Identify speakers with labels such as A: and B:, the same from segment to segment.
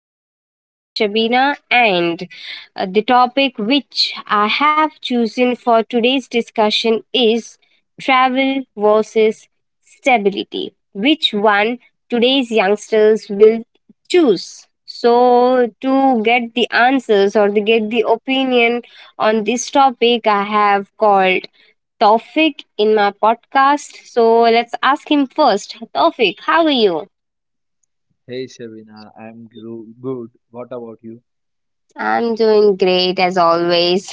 A: I'm your host, Shabina, and the topic which I have chosen for today's discussion is travel versus stability. Which one today's youngsters will choose? So, to get the answers or to get the opinion on this topic, I have called Taufik in my podcast. So, let's ask him first. Taufik, how are you?
B: Hey Shabina, I'm good. What about you?
A: I'm doing great as always.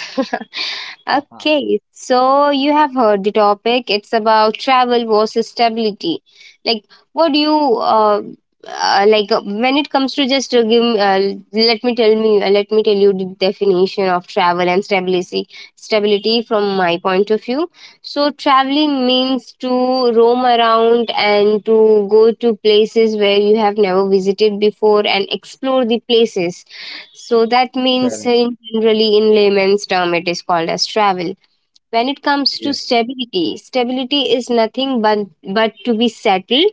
A: Okay, so you have heard the topic. It's about travel versus stability. Like, what do you uh, when it comes to just give? Let me tell me. Let me tell you the definition of travel and stability. Stability from my point of view. So, traveling means to roam around and to go to places where you have never visited before and explore the places, so that means,
B: Correct.
A: in generally, in layman's term, it is called as travel. When it comes to
B: Yes.
A: stability, stability is nothing but to be settled,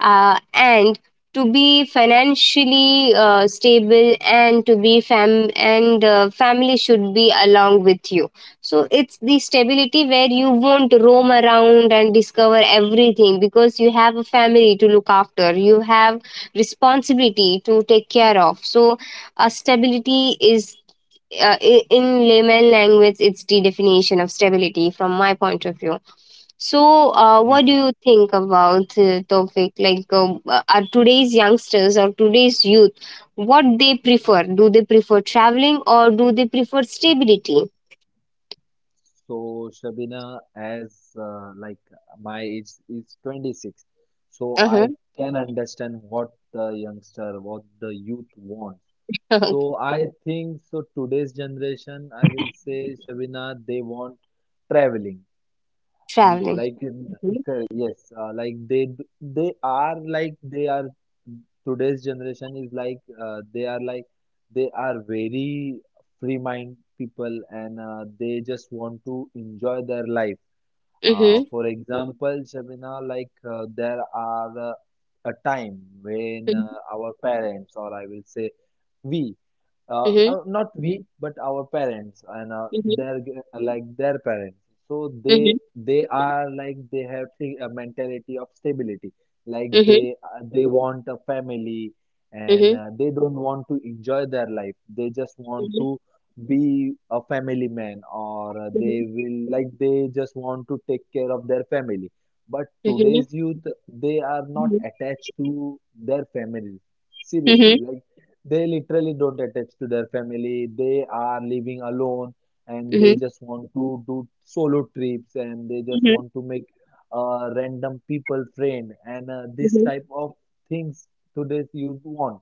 A: and to be financially stable, and to be family should be along with you. So it's the stability where you won't roam around and discover everything, because you have a family to look after, you have responsibility to take care of. So a stability is, in layman language, it's the definition of stability from my point of view. So, what do
B: Correct.
A: you think about the topic? Like, are today's youngsters or today's youth, what they prefer? Do they prefer traveling or do they prefer stability?
B: So Shabina, as like my age is 26, so
A: Uh-huh.
B: I can understand what the youngster, what the youth wants. So I think so today's generation, I will say Shabina, they want traveling. Mm,
A: Traveling.
B: Like in,
A: Mm-hmm.
B: cor- yes, like they d- they are like they are today's generation is like uh, they are like they are very free mind people and they just want to enjoy their life. Uh,
A: Mm-hmm.
B: for example, Shabina, there are a time when our parents, or I will say we,
A: Mm-hmm.
B: not we, but our parents and
A: Mm-hmm.
B: like their parents. So
A: Mm-hmm.
B: they are like they have a mentality of stability. Like
A: Mm-hmm.
B: they want a family
A: Mm-hmm.
B: and they don't want to enjoy their life. They just want
A: Mm-hmm.
B: to be a family man, or they
A: Mm-hmm.
B: will like they just want to take care of their family, but today's youth, they are not attached to their families seriously. Like they literally don't attach to their family, they are living alone and they
A: Mm-hmm.
B: just want to do solo trips, and they just want to make a random people friend, and this type of things today's youth want.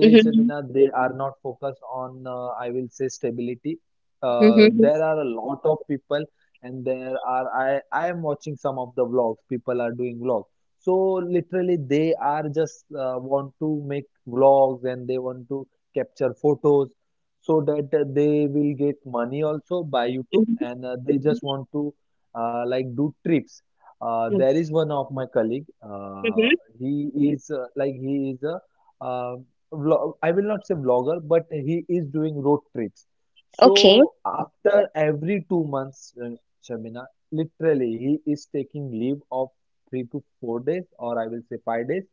A: Mm-hmm. Mm-hmm.
B: Shabina, they are not focused on, I will say, stability. There are a lot of people, and there are, I am watching some of the vlogs, people are doing vlogs. So literally, they are just want to make vlogs and they want to capture photos so that they will get money also by YouTube, and they just want to like do trips.
A: Mm-hmm.
B: There is one of my colleague,
A: Mm-hmm.
B: he is he is a uh, vlog, I will not say vlogger, but he is doing road trips.
A: Okay.
B: So after every 2 months, Shamina, literally he is taking leave of 3 to 4 days, or I will say 5 days,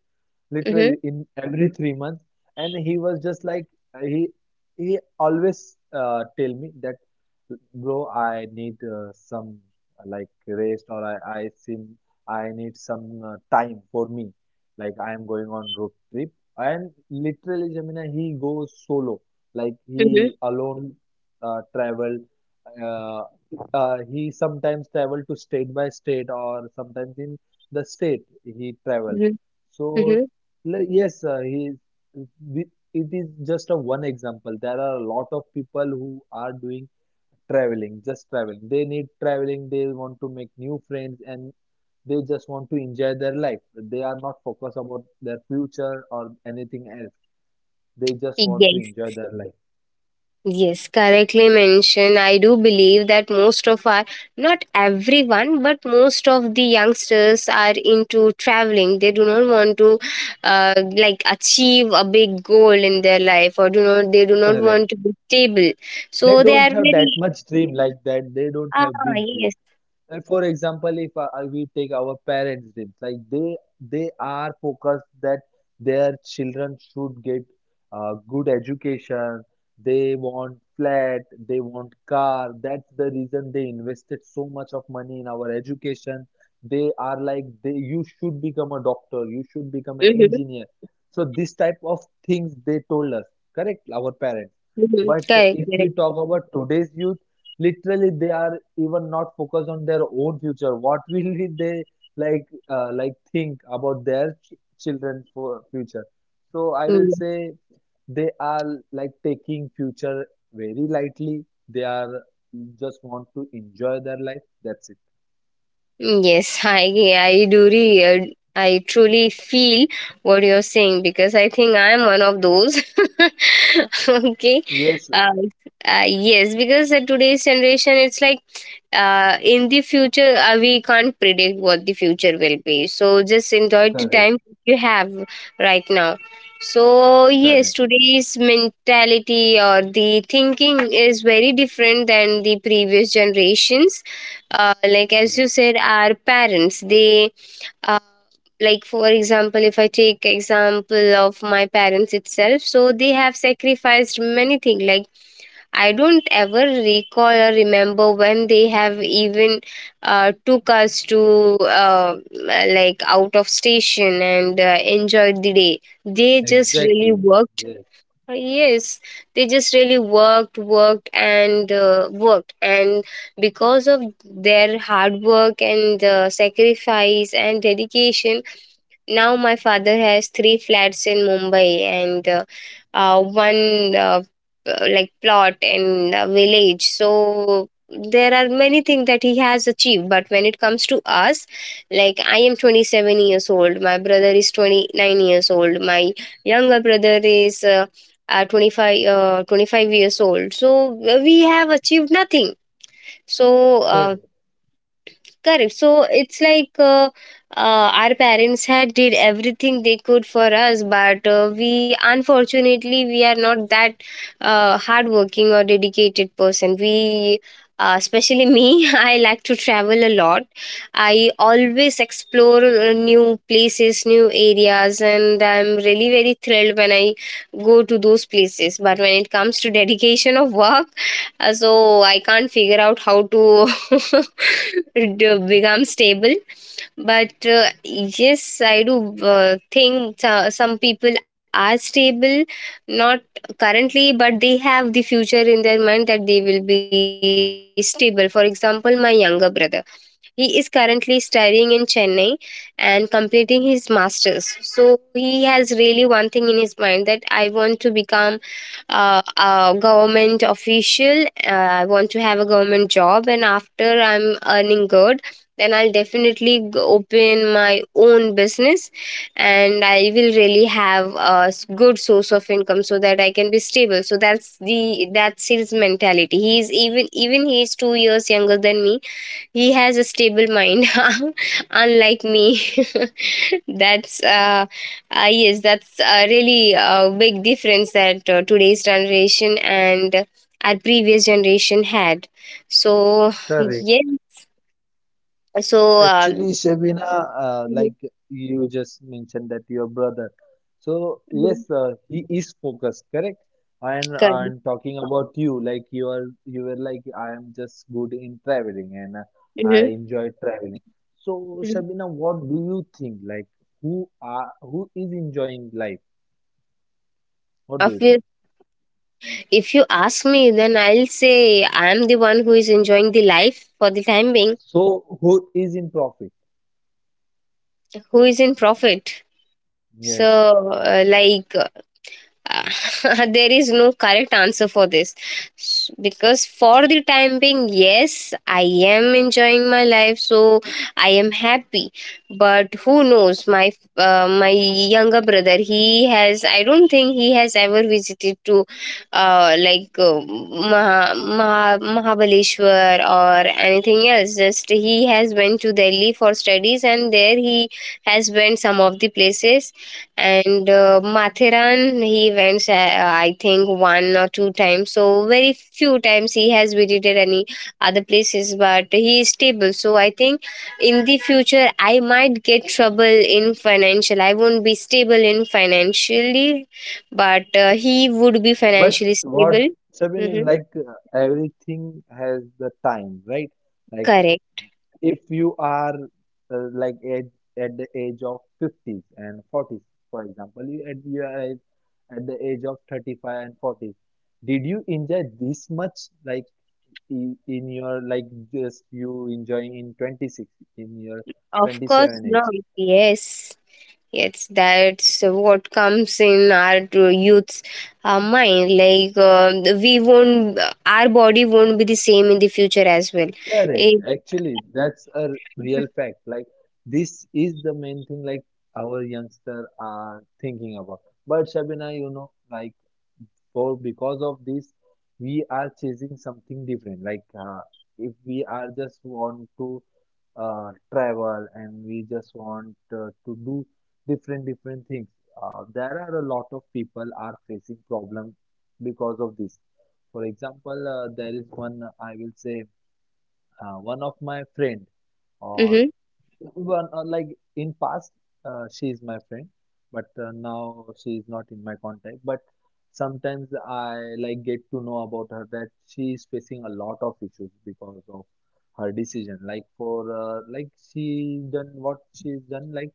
A: Mhm.
B: literally in every 3 months. And he was just like uh, he he always tell me that, bro, I need some like rest, or I need some time for me. Like I am going on road trip, and literally, Gemini, he goes solo. Like
A: Mhm.
B: he alone travel. Uh, he sometimes travel to state by state or sometimes in the state he travel.
A: Mhm.
B: So
A: Mhm.
B: yes, the- it is just a one example. There are a lot of people who are doing traveling, just traveling. They need traveling. They want to make new friends and they just want to enjoy their life. They are not focused about their future or anything else. They just want to
A: Yes.
B: enjoy their life.
A: Yes, correctly mentioned. I do believe that most of our, not everyone, but most of the youngsters are into traveling. They do not want to, uh, like, achieve a big goal in their life, or do not. They do not
B: Correct.
A: want to be stable.
B: They
A: So they
B: don't
A: are
B: have that
A: very.
B: much dream like that. They don't
A: Ah,
B: have big
A: yes.
B: dream. For example, if we take our parents' dreams, like they are focused that their children should get good education. They want flat, they want car. That's the reason they invested so much of money in our education. They are like they, you should become a doctor, you should become an
A: Mm-hmm.
B: engineer. So this type of things they told us, correct? Our parents.
A: Mm-hmm.
B: But
A: Correct.
B: if we
A: Correct.
B: talk about today's youth, literally they are even not focused on their own future. What will be they like think about their children for future? So I will
A: Hmm.
B: say they are like taking future very lightly. They are just want to enjoy their life, that's it.
A: Mm, yes, I I truly feel what you're saying, because I think I'm one of those. Okay,
B: Yes,
A: uh, yes, because today's generation, it's like, in the future we can't predict what the future will be. So just enjoy the time
B: correct,
A: you have right now. So yes,
B: correct.
A: today's mentality or the thinking is very different than the previous generations. Like, as you
B: Yes,
A: said, our parents they, uh, like, for example, if I take example of my parents itself, so they have sacrificed many things. Like, I don't ever recall or remember when they have even took us to uh, like, out of station and enjoyed the day. They just really
B: exactly,
A: worked,
B: yes.
A: yes, they just really worked, worked, and worked. And because of their hard work and sacrifice and dedication, now my father has three flats in Mumbai and, one like, plot in a village. So there are many things that he has achieved. But when it comes to us, like, I am 27 years old, my brother is 29 years old, my younger brother is 25 years old. So we have achieved nothing. So
B: Correct,
A: correct. So it's like, our parents had did everything they could for us, but we unfortunately we are not that hardworking or dedicated person. We, especially me, I like to travel a lot. I always explore new places, new areas, and I'm really very thrilled when I go to those places. But when it comes to dedication of work, so I can't figure out how to. To become stable. But yes, I do some people are stable, not currently, but they have the future in their mind that they will be stable. For example, my younger brother, he is currently studying in Chennai and completing his masters. So he has really one thing in his mind, that I want to become a government official. I want to have a government job, and after I'm earning good, then I'll definitely open my own business, and I will really have a good source of income so that I can be stable. So that's the that's his mentality. He's even he is 2 years younger than me, he has a stable mind, unlike me. That's yes, that's a really big difference that today's generation and our previous generation had. So
B: correct.
A: yes, so
B: Actually, Shabina,
A: mhm,
B: like you just mentioned that your brother. So
A: mhm,
B: yes, he is focused, correct? And
A: correct.
B: and talking about you, like you are you were like I am just good in traveling and I
A: Mhm,
B: enjoy traveling. So
A: mhm.
B: Shabina, what do you think? Like who are who is enjoying life? What do you think?
A: Obvious- If you ask me, then I'll say I'm the one who is enjoying the life for the time being,
B: So who is in profit?
A: who is in profit. So,
B: Yes.
A: uh, like Uh, there is no correct answer for this. Because for the time being, yes, I am enjoying my life, so I am happy. But who knows, my my younger brother, he has, I don't think he has ever visited to Mahabaleshwar or anything else. Just he has went to Delhi for studies, and there he has went some of the places. And Mathiran, he went I think one or two times. So very few times he has visited any other places, but he is stable. So I think in the future I might get trouble in financial, I won't be stable in financially, but he would be
B: But
A: financially
B: what,
A: stable.
B: Sabina,
A: Hmm.
B: like everything has the time, right? Like
A: Correct.
B: if you are like at the age of 50s and 40s, for example you at you are at the age of 35 and 40s, did you enjoy this much? Like just you enjoying in 26, in your
A: Of course
B: 27 age,
A: not. Yes. Yes, that's what comes in our to youth's mind. Like, we won't, our body won't be the same in the future as well.
B: correct?
A: It,
B: Actually that's a real fact. Like this is the main thing like our youngster are thinking about. But Shabina, you know, like for because of this we are chasing something different. Like if we are just want to travel, and we just want to do different different things, there are a lot of people are facing problem because of this. For example, there is one, I will say one of my friend, or
A: mm-hmm,
B: well, like in past, she is my friend, but now she is not in my contact. But sometimes I like get to know about her that she is facing a lot of issues because of her decision. Like for like she done what she's done. Like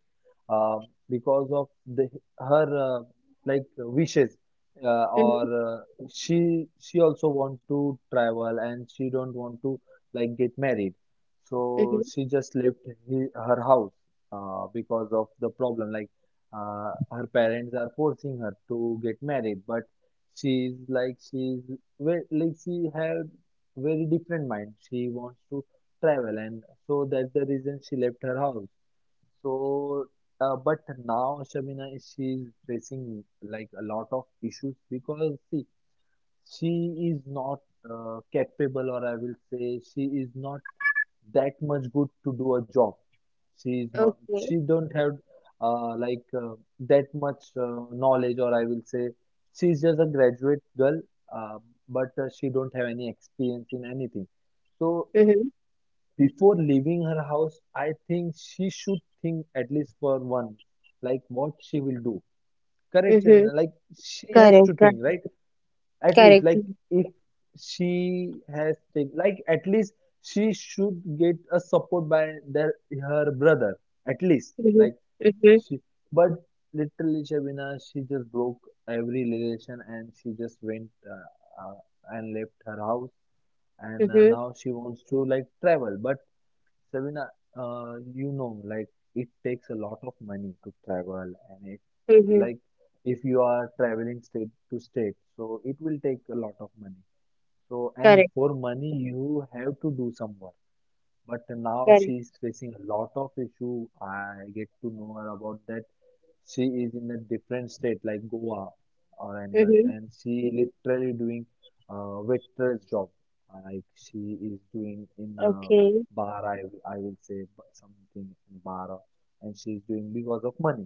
B: uh, because of the her like wishes
A: mm-hmm,
B: or she also want to travel and she don't want to like get married, so
A: mm-hmm.
B: she just left her house because of the problem. Like her parents are forcing her to get married, but she's very, like she had very different mind. She wants to travel, and so that's the reason she left her house. So, but now Shamina is she's facing like a lot of issues because see, she is not capable, or I will say she is not that much good to do a job. She is not. She
A: Okay.
B: don't have uh, like uh, that much knowledge, or I will say, she's just a graduate girl, uh, but she don't have any experience in anything. So
A: Mm-hmm,
B: before leaving her house, I think she should think at least for one, like what she will do. Correct, I
A: mm-hmm.
B: like she has to
A: Correct.
B: think,
A: Correct.
B: right? At least
A: Correct.
B: like if she has taken, like at least she should get a support by their her brother, at least
A: Mm-hmm,
B: like
A: mm-hmm,
B: she, but literally Shabina she just broke every relation and she just went and left her house, and
A: mm-hmm,
B: now she wants to like travel. But Sabina, you know, like it takes a lot of money to travel, and it,
A: mm-hmm.
B: like, if you are traveling state to state, so it will take a lot of money. So, and
A: Correct.
B: for money, you have to do some work. But now
A: Correct.
B: she is facing a lot of issue. I get to know her about that she is in a different state like Goa or anywhere else,
A: Mm-hmm.
B: and she literally doing waitress job. Like she is doing in a
A: Okay.
B: bar, I will say something in bar, and she is doing because of money.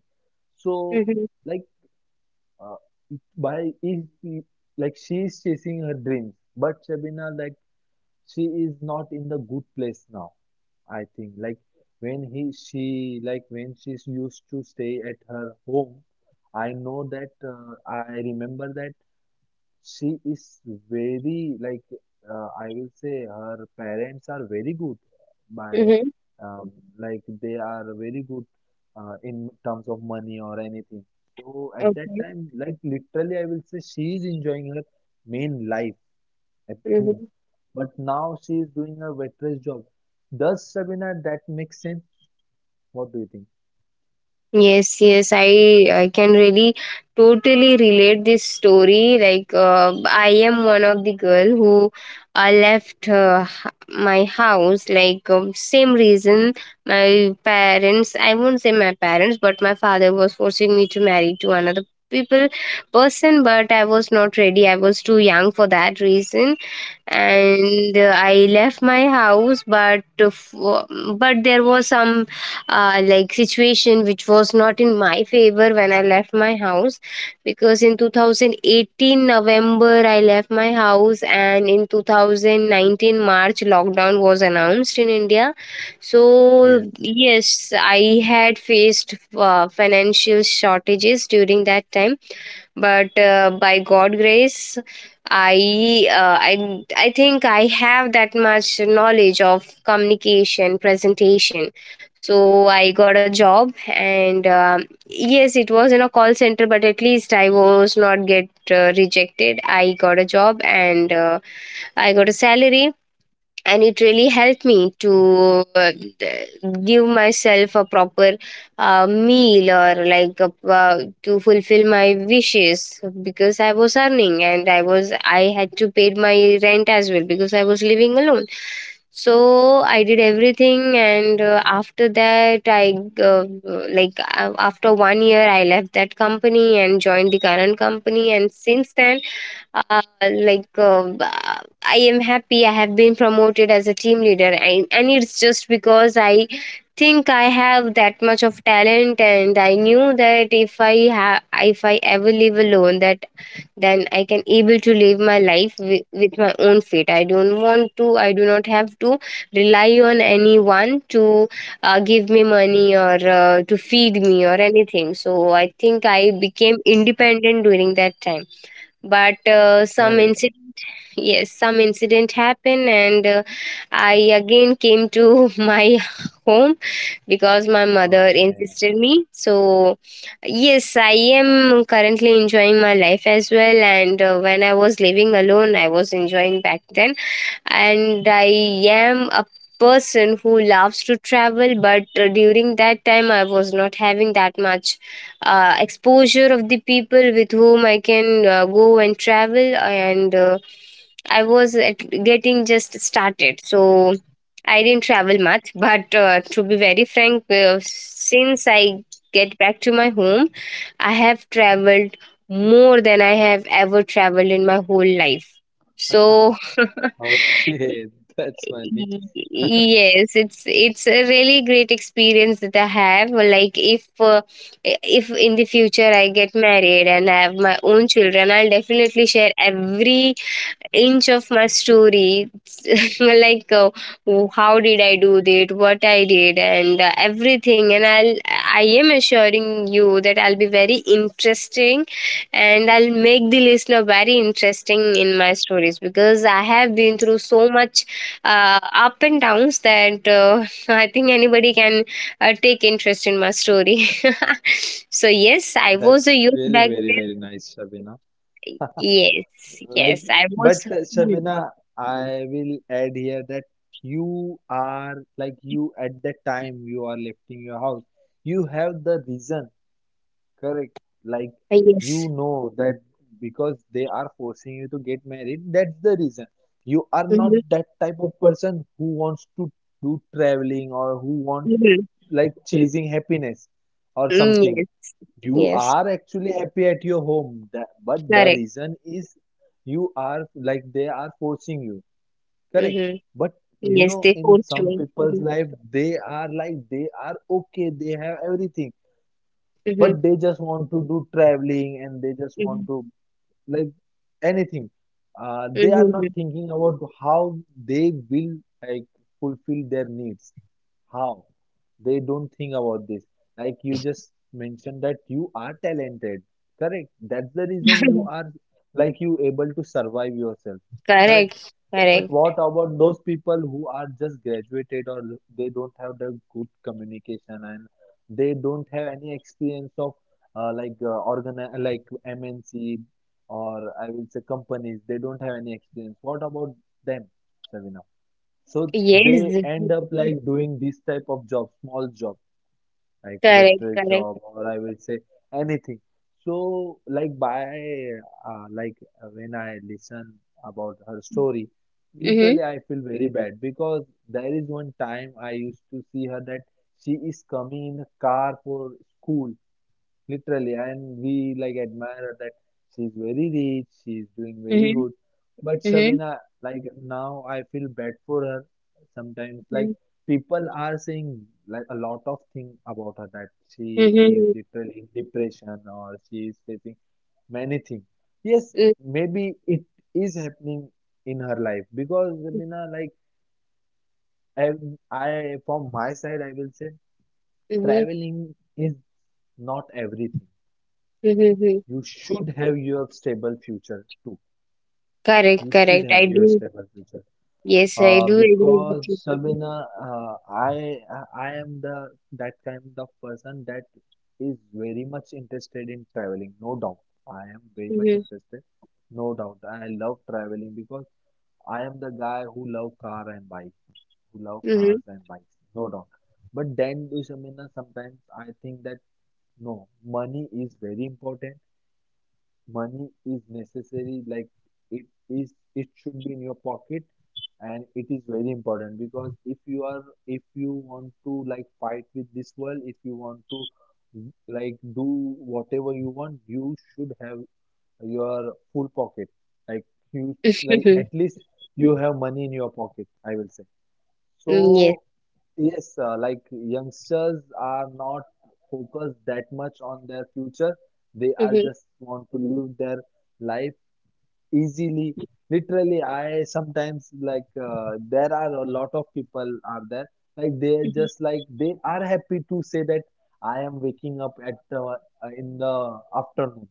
B: So
A: Mm-hmm,
B: like uh, it- by is the- like she is chasing her dreams, but Shabina, like she is not in the good place now. I think like when she used to stay at her home, I know that I remember that she is very like I will say her parents are very good by
A: mm-hmm.
B: um, like they are very good in terms of money or anything. So at that
A: Okay.
B: time, like literally, I will say she is enjoying her main life at home.
A: Mm-hmm.
B: But now she is doing a waitress job. Does Sabina that make sense? What do you think?
A: Yes, yes, I can really totally relate this story. Like, I am one of the girl who left, my house. Like, same reason, my parents. I won't say my parents, but my father was forcing me to marry to another people person. But I was not ready. I was too young for that reason, and I left my house, but but there was some like, situation which was not in my favor when I left my house, because in 2018 November I left my house, and in 2019 March lockdown was announced in India. So
B: Yes,
A: yes, I had faced financial shortages during that time. But by god grace, I think I have that much knowledge of communication presentation. So I got a job, and um, yes, it was in a call center, but at least I was not get rejected. I got a job, and I got a salary, and it really helped me to uh, d- give myself a proper meal or like a, to fulfill my wishes, because I was earning and I was, I had to pay my rent as well because I was living alone. So I did everything, and after that I uh, after 1 year I left that company and joined the current company, and since then uh, like uh, I am happy. I have been promoted as a team leader, and it's just because I think I have that much of talent, and I knew that if I have, if I ever live alone, that then I can able to live my life with my own feet. I don't want to, I do not have to rely on anyone to give me money or to feed me or anything. So I think I became independent during that time. But some
B: correct.
A: incident, yes, some incident happened, and I again came to my home because my mother
B: Okay,
A: insisted me. So yes, I am currently enjoying my life as well, and when I was living alone, I was enjoying back then. And I am a person who loves to travel, but during that time I was not having that much exposure of the people with whom I can go and travel. And I was at getting just started, so I didn't travel much. But to be very frank, since I get back to my home, I have traveled more than I have ever traveled in my whole life. So
B: okay, that's funny.
A: yes, it's a really great experience that I have. Like if in the future I get married and I have my own children, I'll definitely share every inch of my story, like how did I do that, what I did, and everything. And I am assuring you that I'll be very interesting, and I'll make the listener very interesting in my stories because I have been through so much up and downs, that I think anybody can take interest in my story. so yes, I was a
B: That's
A: youth
B: really
A: back
B: very,
A: then.
B: very nice, Shabina.
A: Yes,
B: Like,
A: yes, I
B: but
A: was. Hmm.
B: Shabina, I will add here that you are like you at that time you are lifting your house. You have the reason. Correct. Like
A: Yes.
B: you know that because they are forcing you to get married, that's the reason. You are not
A: Mhm,
B: that type of person who wants to do traveling, or who wants
A: mhm.
B: like chasing happiness or
A: Mm,
B: something.
A: yes,
B: You
A: yes,
B: are actually happy at your home, that, but the
A: correct.
B: reason is you are like they are forcing you. Correct.
A: Mhm.
B: But you
A: Yes,
B: know,
A: they
B: in
A: forced
B: some
A: me.
B: people's
A: Mhm,
B: life, they are like they are okay, they have everything,
A: mhm,
B: but they just want to do traveling and they just want
A: mhm,
B: to like anything. They are
A: mhm,
B: not
A: mhm.
B: thinking about how they will like fulfill their needs, how, they don't think about this. Like you just mentioned that you are talented, correct? That's the reason you are like you able to survive yourself, correct?
A: Correct,
B: But
A: correct.
B: what about those people who are just graduated, or they don't have the good communication, and they don't have any experience of like MNC, or I will say companies. They don't have any experience. What about them, Savina? So
A: Yes,
B: they
A: mhm,
B: end up
A: mhm.
B: like doing this type of job, small job. I quit
A: Correct,
B: this
A: correct.
B: job, or I will say anything. So like by like when I listen about her story,
A: Mhm,
B: literally I feel very bad because there is one time I used to see her that she is coming in a car for school. Literally, and we like admire her that she's very rich, she's doing very
A: mhm,
B: good. But
A: mhm,
B: Shabina, like now I feel bad for her sometimes. Like
A: mhm,
B: people are saying like a lot of things about her that she is
A: mhm,
B: literally in depression or she is facing many things. Yes,
A: mhm,
B: maybe it is happening in her life because Shabina, like I, I from my side, I will say
A: mhm,
B: traveling is not everything,
A: mhm, mhm.
B: you should have your stable future too.
A: Correct,
B: You should
A: correct.
B: have
A: I
B: your
A: do.
B: stable future.
A: Yes, I
B: Uh,
A: do agree with you.
B: because Sabina, I am the that kind of person that is very much interested in traveling. No doubt, I am very much
A: Mhm,
B: interested. No doubt, I love traveling because I am the guy who love car and bike, who love
A: mhm,
B: cars and bikes. No doubt. But then, Shamina, sometimes I think that no, money is very important, money is necessary, like it is, it should be in your pocket, and it is very important because if you are, if you want to like fight with this world, if you want to like do whatever you want, you should have your full pocket, like you,
A: mhm,
B: like
A: mhm. Mm.
B: at least you have money in your pocket, I will say.
A: Yes.
B: So, yes, like youngsters are not focused that much on their future. They are
A: Mhm,
B: just want to live their life easily. Literally, I sometimes there are a lot of people are there, like they are
A: mhm.
B: just like they are happy to say that I am waking up at uh, in the afternoon,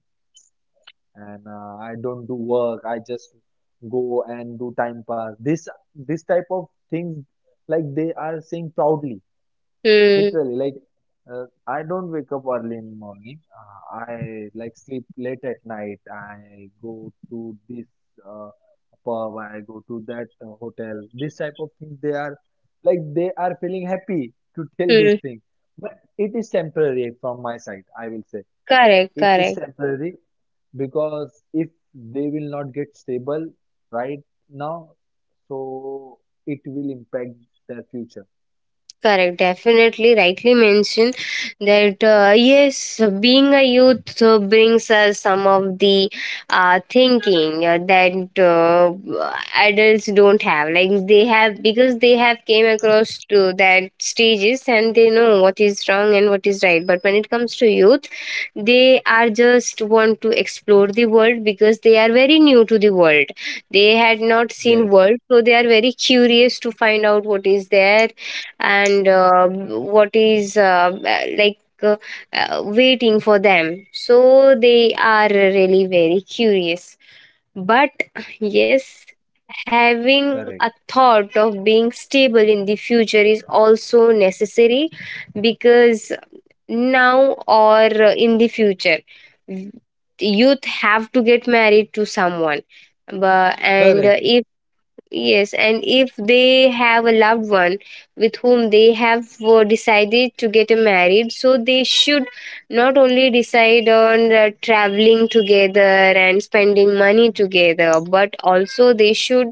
B: and I don't do work. I just go and do time pass. This type of things, like they are saying proudly,
A: Mm,
B: literally. Like I don't wake up early in morning. I like sleep late at night. I go to this uh, pub. I go to that hotel. This type of things they are, like they are feeling happy to tell this
A: mm.
B: thing. But it is temporary, from my side, I will say
A: Correct,
B: it is
A: correct.
B: temporary because if they will not get stable right now, so it will impact their future.
A: Correct, definitely rightly mentioned that yes, being a youth brings us some of the thinking that adults don't have. Like they have because they have came across to that stages and they know what is wrong and what is right. But when it comes to youth, they are just want to explore the world because they are very new to the world. They had not seen
B: Yes,
A: world, so they are very curious to find out what is there and what is like uh, waiting for them. So they are really very curious, but yes, having a
B: correct,
A: thought of being stable in the future is also necessary, because now or in the future, youth have to get married to someone. but and uh,
B: correct.
A: if yes, and if they have a loved one with whom they have decided to get married, so they should not only decide on traveling together and spending money together, but also they should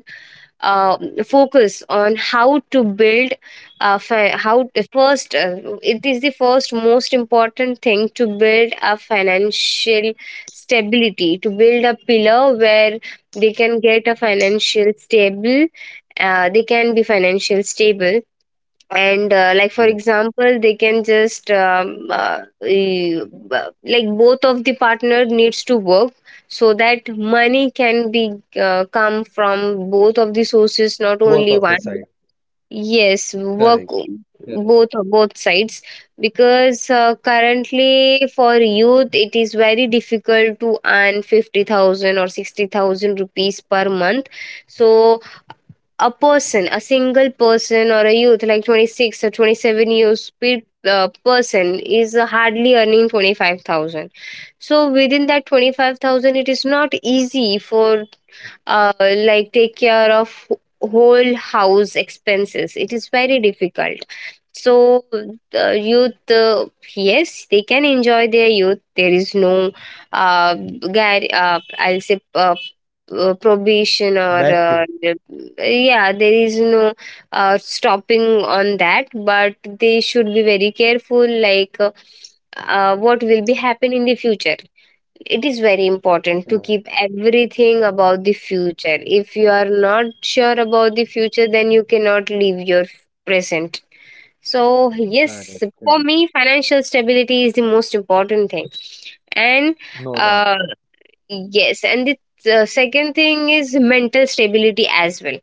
A: uh, focus on how to build how the first it is the first most important thing to build a financial stability, to build a pillar where they can get a financial stable, they can be financial stable. And like for
B: Yes,
A: example, they can just e- like both of the partner needs to work so that money can be come from both of the sources, not
B: both
A: only
B: of the
A: one.
B: side.
A: Yes, work,
B: Correct, correct.
A: both, both sides. Because currently for youth it is very difficult to earn 50,000 or 60,000 rupees per month. So a person, a single person or a youth like 26 or 27 years person is hardly earning 25,000. So within that 25,000 it is not easy for like take care of whole house expenses. It is very difficult. So, youth, yes, they can enjoy their youth. There is no, guide, I'll say, probation or
B: Bad thing.
A: yeah, there is no stopping on that, but they should be very careful. Like what will be happen in the future, it is very important to
B: Correct,
A: keep everything about the future. If you are not sure about the future, then you cannot leave your present. So,
B: correct,
A: yes, for
B: correct.
A: me, financial stability is the most important thing. And
B: No doubt.
A: uh, yes, and the second thing is mental stability as well,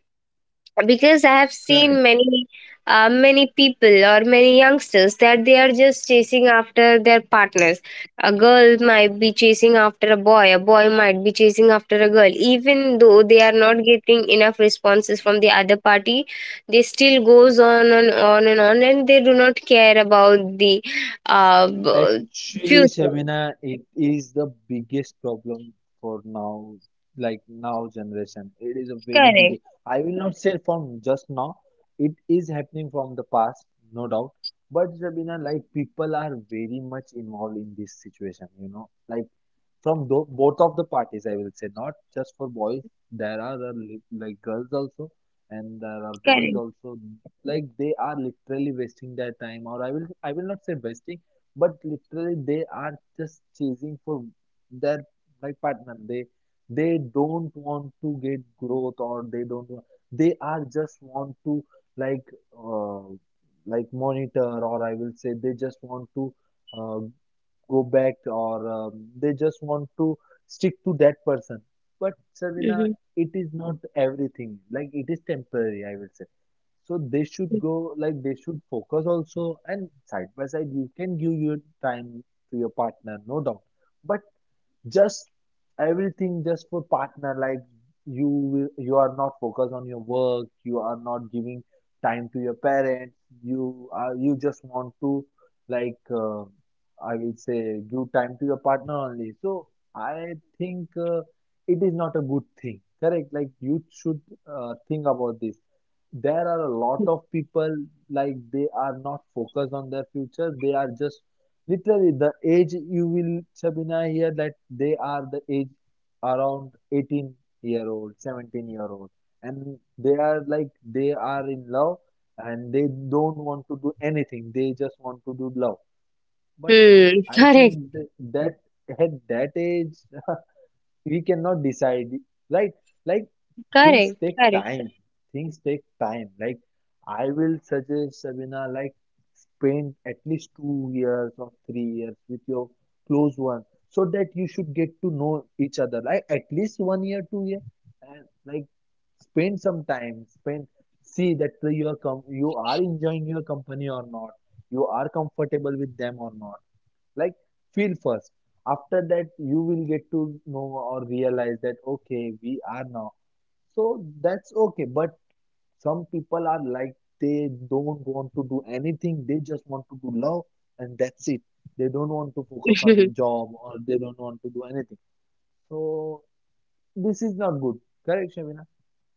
A: because I have seen
B: Correct.
A: many many people or many youngsters that they are just chasing after their partners. A girl might be chasing after a boy, a boy might be chasing after a girl, even though they are not getting enough responses from the other party, they still goes on and on and on, and they do not care about the uh, b-
B: Actually,
A: future.
B: Shabina, it is the biggest problem for now, like now generation. It is a very
A: Correct.
B: big. I will not say from just now. It is happening from the past, no doubt. But Shabina, like people are very much involved in this situation. You know, like from both of the parties, I will say, not just for boys, there are a like girls also, and there are boys
A: Correct.
B: also, like they are literally wasting their time, or I will, I will not say wasting, but literally they are just chasing for their like partner. They don't want to get growth, or they don't want, they are just want to like uh, like monitor, or I will say they just want to, uh, go back, or they just want to stick to that person. But Sarvina,
A: Hmm.
B: it is not everything. Like it is temporary, I would say. So they should go, like they should focus also, and side by side you can give your time to your partner, no doubt. But just everything just for partner, like you are not focused on your work, you are not giving time to your parents, you just want to like uh, I will say give time to your partner only. So I think it is not a good thing, correct, like you should think about this. There are a lot of people like they are not focused on their future, they are just. Literally, the age you will, Sabina, hear that they are the age around 18-year-old, 17-year-old, and they are like they are in love, and they don't want to do anything. They just want to do love. But
A: Hmm.
B: I
A: Correct.
B: think that at that age we cannot decide, right, like things
A: Correct.
B: take
A: Correct.
B: time, things take time. Like I will suggest Sabina, like spend at least 2 years or 3 years with your close one, so that you should get to know each other, like at least 1 year, 2 year, and like spend some time, spend, see that you are you are enjoying your company or not, you are comfortable with them or not, like feel first. After that you will get to know or realize that okay we are now, so that's okay. But some people are like they don't want to do anything, they just want to do love, and that's it. They don't want to focus on a job, or they don't want to do anything. So this is not good, correct,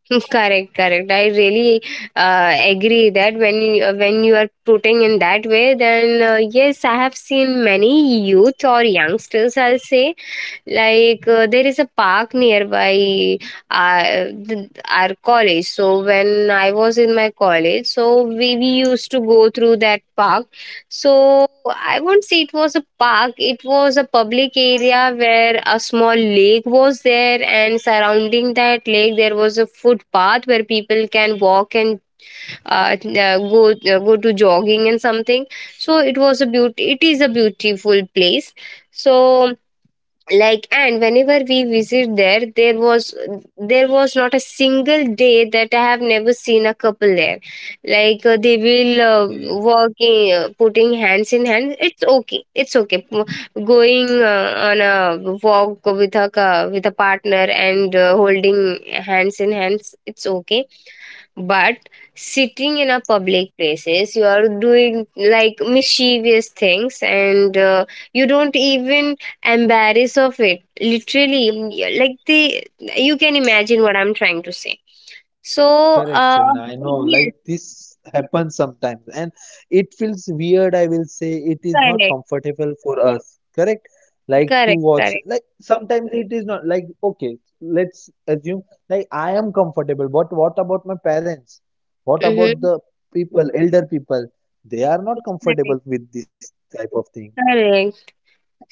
A: Correct, correct. I really agree that when when you are putting in that way, then yes, I have seen many youth or youngsters, I'll say, like, there is a park nearby uh, our college. So when I was in my college, so we used to go through that park. So, I won't say it was a park, it was a public area where a small lake was there, and surrounding that lake, there was a footpath where people can walk and go to jogging and something. So, it was a beauty, it is a beautiful place. So, like, and whenever we visit there, there was, there was not a single day that I have never seen a couple there. Like they will
B: Shabina.
A: walking, putting hands in hands, it's okay, it's okay. Going on a walk with a with a partner and holding hands in hands, it's okay. But sitting in a public places, you are doing like mischievous things, and you don't even embarrass of it. Literally, mm, like the, you can imagine what I'm trying to say. So,
B: Correct, Javin. I know, like
A: yes,
B: this happens sometimes, and it feels weird. I will say it is not
A: correct,
B: comfortable for us. Correct? Like to
A: correct,
B: watch,
A: correct.
B: like sometimes it is not like okay. Let's assume like I am comfortable, but what about my parents? What about
A: Mm-hmm.
B: the people, elder people? They are not
A: Correct,
B: comfortable with this type of thing.
A: correct.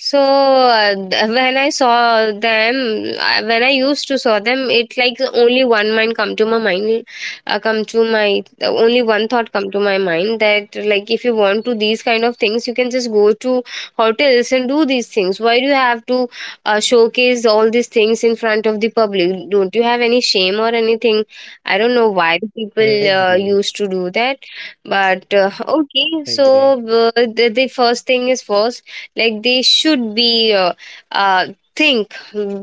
A: So when I saw them, when I used to saw them, it like only one mind come to my mind, come to my only one thought come to my mind that, like, if you want to these kind of things, you can just go to hotels and do these things. Why do you have to showcase all these things in front of the public? Don't you have any shame or anything? I don't know why the people
B: Agree,
A: used to do that, but okay.
B: agree.
A: So the first thing is first, like they should be uh, think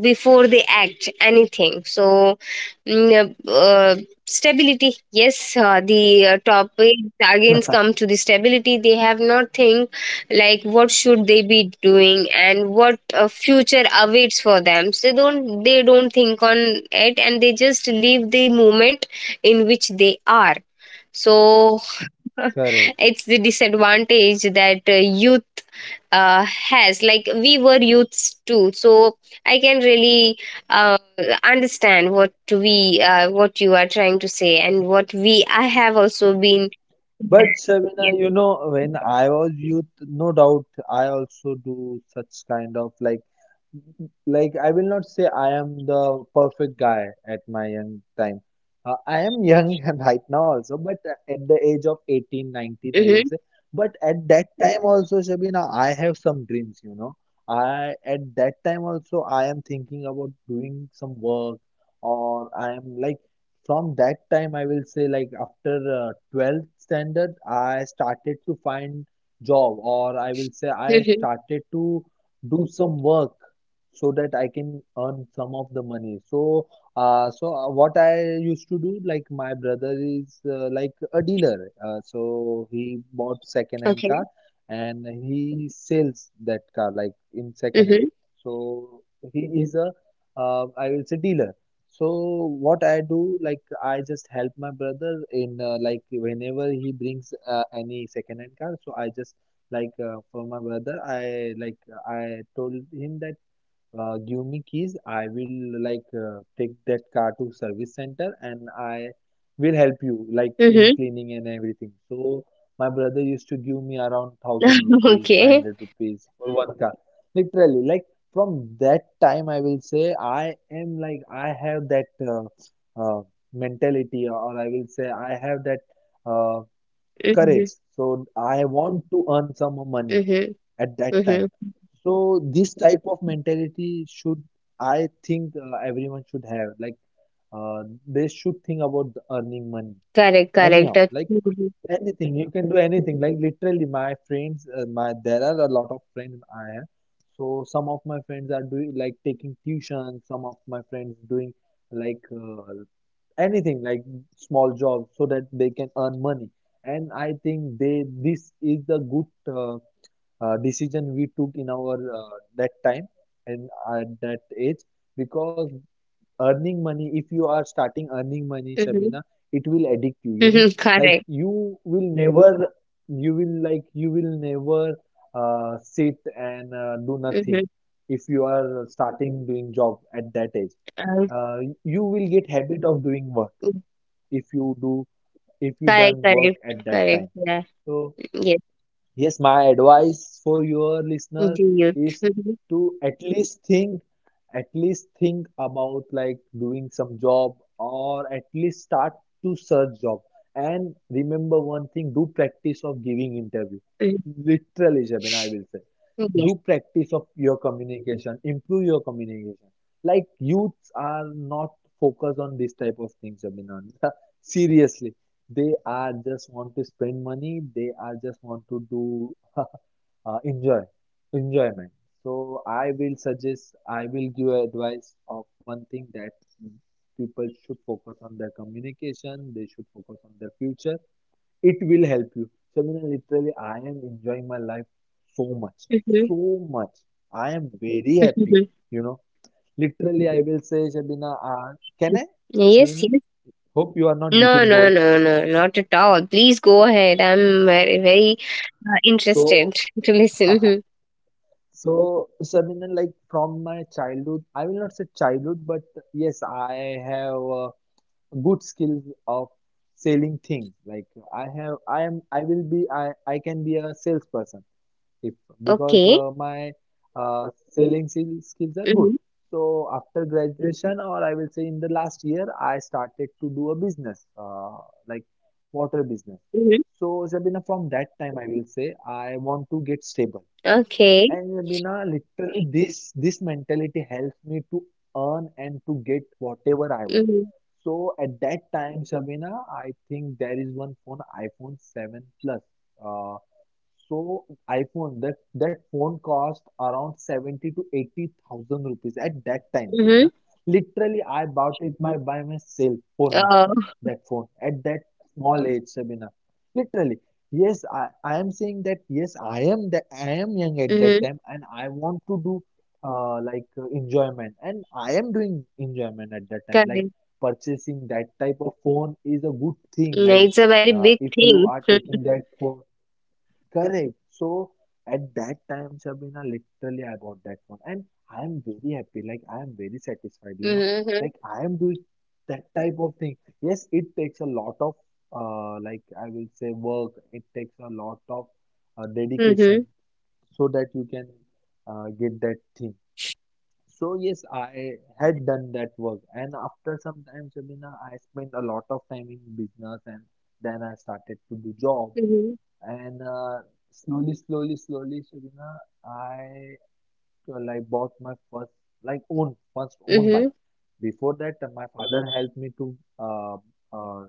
A: before they act anything. So mm, uh, uh, stability, yes, the topic again come to the stability. They have not think like what should they be doing and what future awaits for them, so they don't, they don't think on it, and they just leave the moment in which they are. So
B: Correct.
A: it's the disadvantage that youth has. Like we were youths too, so I can really uh, understand what we what you are trying to say, and what we I have also been
B: But
A: there.
B: Sabina,
A: Yeah.
B: you know, when I was youth, no doubt I also do such kind of like I will not say I am the perfect guy at my young time. I am young and right now also, but at the age of 18, 19, I will
A: Mm-hmm.
B: say. But at that time also, Shabina, I have some dreams, you know. I at that time also I am thinking about doing some work, or I am like from that time I will say, like after 12th standard I started to find job, or I will say I
A: Mm-hmm.
B: started to do some work so that I can earn some of the money. So what I used to do, like my brother is like a dealer, so he bought second hand
A: Okay.
B: car, and he sells that car like in second hand.
A: Mm-hmm.
B: So he is a, I will say dealer. So what I do, like I just help my brother in like whenever he brings any second-hand car. So I just like for my brother, I like I told him that give me keys. I will like take that car to service center, and I will help you like in cleaning and everything. So my brother used to give me around thousand
A: Mm-hmm.
B: rupees, five
A: okay.
B: hundred rupees for one car. Literally, like from that time, I will say I am like I have that uh, mentality, or I will say I have that uh, courage.
A: Mm-hmm.
B: So I want to earn some money
A: Mm-hmm.
B: at that
A: Mm-hmm.
B: time. So this type of mentality should, I think, everyone should have. Like they should think about the earning money.
A: Correct, correct.
B: Anyhow, like
A: Mhm.
B: anything, you can do anything. Like literally, my friends, my there are a lot of friends I have. So some of my friends are doing like taking tuition. Some of my friends doing like anything, like small jobs, so that they can earn money. And I think they this is the good decision we took in our that time, and at that age, because earning money, if you are starting earning money
A: Mhm.
B: Shabina, it will addict you, you know.
A: Mhm.
B: Like
A: Correct.
B: you will never, you will like you will never sit and do
A: Mm-hmm.
B: nothing if you are starting doing job at that age.
A: uh,
B: You will get habit of doing work if you do, if you
A: Correct,
B: done work
A: correct,
B: at that
A: correct,
B: time.
A: yeah.
B: So
A: Yes,
B: yes, my advice for your
A: the
B: listeners
A: youth.
B: is
A: Mm-hmm.
B: to at least think about like doing some job, or at least start to search job. And remember one thing, do practice of giving interview. Literally, Jabin, I will say. Do
A: Yes.
B: practice of your communication, improve your communication. Like youths are not focused on this type of things, Jabin. Seriously, they are just want to spend money. They are just want to do enjoy, enjoyment. So I will suggest, I will give advice of one thing that people should focus on their communication. They should focus on their future. It will help you. So I mean, literally, I am enjoying my life so much,
A: Mm-hmm.
B: so much. I am very happy. You know, literally, I will say, Shabina, can I,
A: Yes,
B: Shabina?
A: yes.
B: Hope you are not
A: No,
B: getting
A: no,
B: bored.
A: no, no, not at all. Please go ahead. I'm very, very
B: So.
A: interested to listen.
B: So, Sabina, like from my childhood, I will not say childhood, but yes, I have good skills of selling things. Like I can be a salesperson if because
A: Okay.
B: uh, my selling skills are good.
A: Mm-hmm.
B: So after graduation, or I will say in the last year, I started to do a business, like water business.
A: Mm-hmm.
B: So, Sabina, from that time, I will say I want to get stable
A: Okay.
B: and Rabina, literally this mentality helps me to earn and to get whatever I want.
A: Mm-hmm.
B: So at that time, Sabina, I think there is one phone, iPhone 7 Plus. Uh, so iPhone, that phone cost around 70 to 80,000 rupees at that time,
A: Mm-hmm.
B: Shamina. Literally, I bought it my by myself for me,
A: Oh.
B: that phone at that small age, Shamina. Literally, yes, I am saying that yes, I am young at that
A: Mm-hmm.
B: time, and I want to do like enjoyment, and I am doing enjoyment at that time. Like
A: Correct.
B: purchasing that type of phone is a good thing. Like
A: Mm, it's a very big
B: if you
A: thing.
B: are taking that phone. Correct. So at that time, Shabina, literally I bought that phone and I am very happy. Like I am very satisfied.
A: Mm-hmm.
B: Like I am doing that type of thing. Yes, it takes a lot of like I will say work. It takes a lot of
A: Mm-hmm.
B: dedication so that you can get that thing. So yes, I had done that work and after some time, Shabina, I spent a lot of time in business, and then I started to do job,
A: Mm-hmm.
B: and slowly, slowly, slowly, Shabina, I well, I bought my first, like own, first own
A: Mm-hmm.
B: bike. Before that, my father helped me to uh,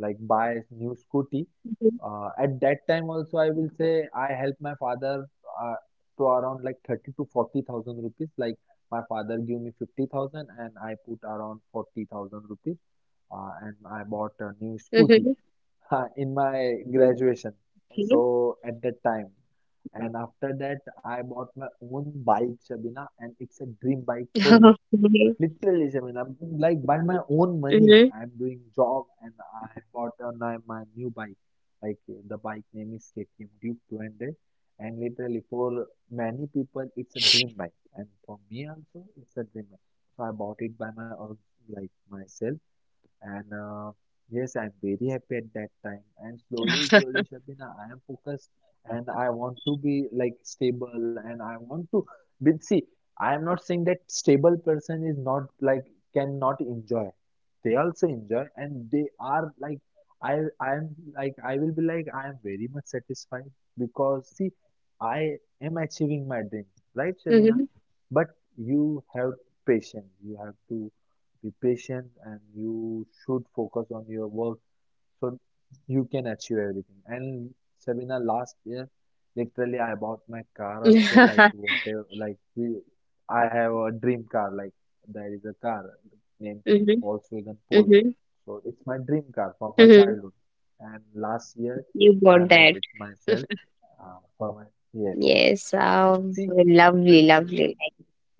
B: like buy a new scooty.
A: Mm-hmm.
B: At that time also, I will say I helped my father uh, to around like 30 to 40,000 rupees. Like my father gave me 50,000 and I put around 40,000 rupees, and I bought a new scooty,
A: Mm-hmm.
B: in my graduation.
A: Okay.
B: So at that time, and after that, I bought my own bike, Shabina, and it's a dream bike for me.
A: Okay.
B: Literally, Shabina, like by my own money,
A: Mm-hmm.
B: I'm doing job, and I bought my new bike. Like the bike name is KTM Duke 200, and literally for many people, it's a dream bike, and for me also, it's a dream bike. So I bought it by my own, like myself. And yes, I'm very happy at that time. And slowly, slowly, Shabina, I am focused, and I want to be like stable, and I want to. But see, I am not saying that stable person is not like cannot enjoy. They also enjoy, and they are like, I am like, I will be like, I am very much satisfied because see I am achieving my dream, right, Shabina?
A: Mm-hmm.
B: But you have patience. You have to be patient, and you should focus on your work so you can achieve everything, and Sabina, last year literally I bought my car also, like whatever, like we I have a dream car. Like there is a car named
A: Mm-hmm.
B: Volkswagen Polo,
A: Mm-hmm.
B: so it's my dream car from my
A: Mm-hmm.
B: childhood, and last year
A: You bought
B: I
A: that.
B: bought it myself, for my yes.
A: Yes,
B: And see,
A: lovely,
B: like
A: lovely.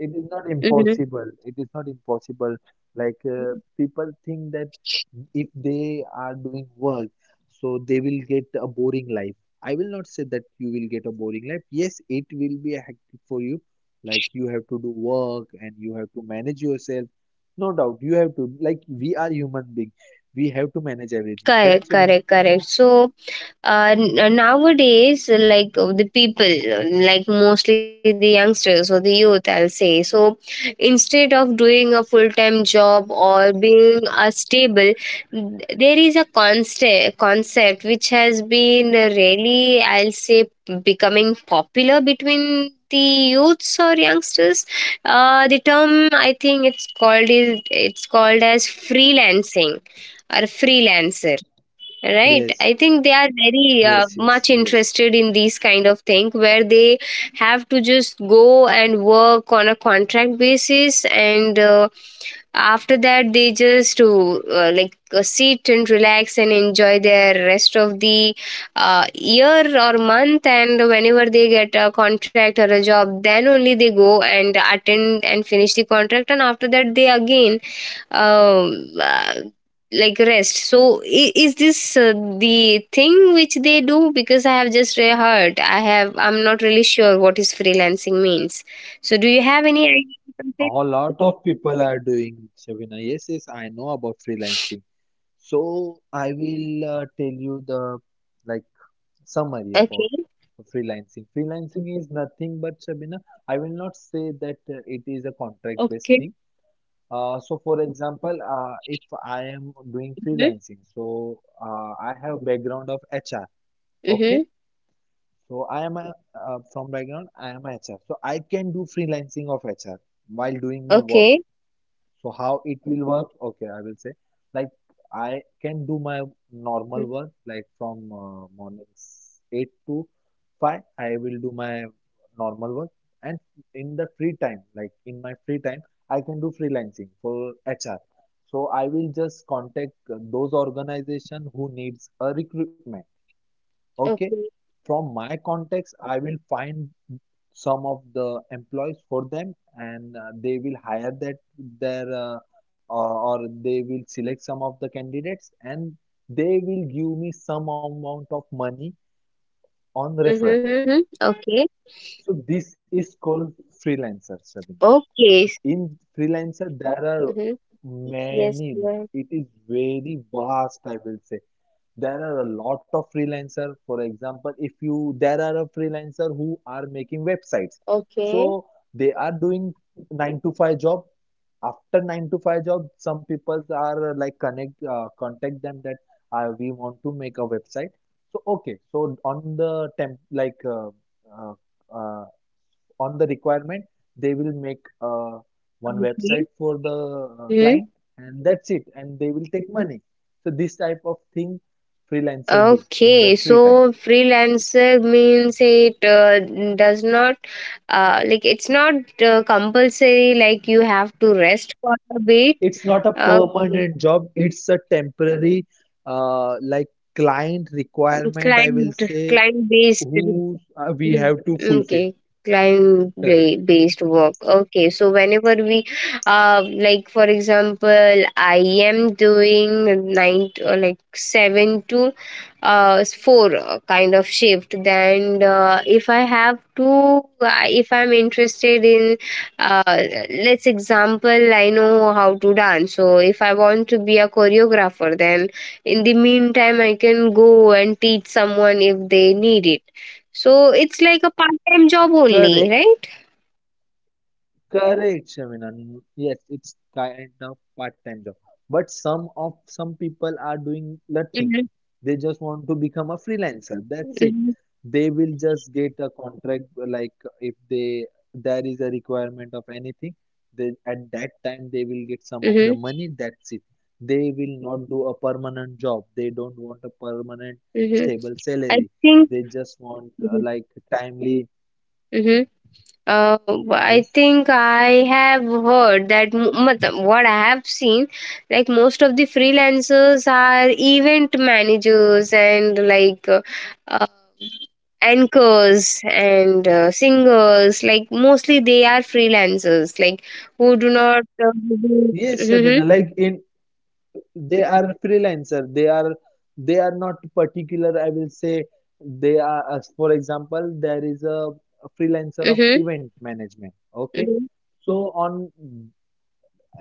B: it is not
A: Hmm.
B: impossible. It is not impossible. Like people think that if they are doing work, so they will get a boring life. I will not say that you will get a boring life. Yes, it will be a hectic for you. Like you have to do work, and you have to manage yourself. No doubt, you have to. Like we are human being, we have to manage everything. Correct,
A: Correct,
B: Shabina?
A: correct, correct. So, nowadays, like the people, like mostly the youngsters or the youth, I'll say, so instead of doing a full-time job or being a stable, there is a concept which has been really, I'll say, becoming popular between the youths or youngsters. The term, I think, it's called, is it's called as freelancing or freelancer, right? I
B: Yes,
A: think they are very
B: yes, yes,
A: much
B: yes.
A: interested in these kind of thing, where they have to just go and work on a contract basis, and after that they just to like sit and relax and enjoy their rest of the year or month, and whenever they get a contract or a job, then only they go and attend and finish the contract, and after that they again um, uh, like rest. So is this the thing which they do? Because I have just heard, I have, I'm not really sure what is freelancing means. So do you have any idea about
B: A
A: it?
B: lot of people are doing, Shabina. Yes, yes, I know about freelancing. So I will tell you the, like, summary about
A: Okay.
B: freelancing. Freelancing is nothing but, Shabina, I will not say that it is a contract-based
A: Okay.
B: thing. So for example, if I am doing
A: Mhm,
B: freelancing, so I have background of HR. Okay,
A: mhm.
B: so from background I am a HR. So I can do freelancing of HR while doing my work.
A: Okay.
B: So how it will work? Okay, I will say, like, I can do my
A: Mhm.
B: normal work, like from mornings 8 to 5 I will do my normal work, and in the free time, like in my free time I can do freelancing for HR. So I will just contact those organization who needs a recruitment. Okay.
A: Okay.
B: From my contacts, I will find some of the employees for them, and they will hire that their, or they will select some of the candidates, and they will give me some amount of money on referral,
A: Mhm, mhm. Okay.
B: so this is called freelancer, Sabina.
A: Okay.
B: In freelancer there are
A: Mhm. Yes,
B: many,
A: ma'am.
B: it is very vast, I will say. There are a lot of freelancer, for example, if you there are a freelancer who are making websites,
A: Okay.
B: so they are doing 9 to 5 job. After 9 to 5 job some people are, like connect contact them that, we want to make a website. So okay, so uh, uh, on the requirement, they will make one website
A: Okay.
B: for the
A: Mhm.
B: client, and that's it, and they will take money. So this type of thing freelancer do in their
A: Okay.
B: free time.
A: So freelancer means it does not like it's not compulsory. Like you have to rest for a bit.
B: It's not a
A: Okay.
B: permanent job, it's a temporary, like, client requirement, I will
A: Client,
B: say,
A: client based.
B: who, we
A: Mhm.
B: have to fulfill.
A: Okay, client
B: Correct,
A: based work. Okay, so whenever we, like for example, I am doing nine to, or like seven to, four kind of shift. Then, if I have to, if I'm interested in, uh, let's example, I know how to dance. So if I want to be a choreographer, then in the meantime, I can go and teach someone if they need it. So it's like a part-time job only,
B: correct.
A: right?
B: Correct, Shaminan. Yes, it's kind of part-time job. But some people are doing nothing.
A: Mhm.
B: They just want to become a freelancer, that's it.
A: Mhm.
B: They will just get a contract, like if they, there is a requirement of anything, they at that time they will get some of the
A: Mhm.
B: money, that's it. They will not do a permanent job. They don't want a permanent
A: Mhm.
B: stable
A: I
B: salary.
A: think.
B: They just want,
A: Mhm.
B: like, timely.
A: Mhm. Uh, I
B: Yes.
A: think I have heard that, matlab, what I have seen, like most of the freelancers are event managers and like uh, anchors and singers. Like mostly they are freelancers, like who do not.
B: Yes,
A: Hmm.
B: Shabina, like in they are freelancer, they are not particular, I will say. They are, as for example, there is a freelancer of
A: Hmm.
B: event management, okay, so on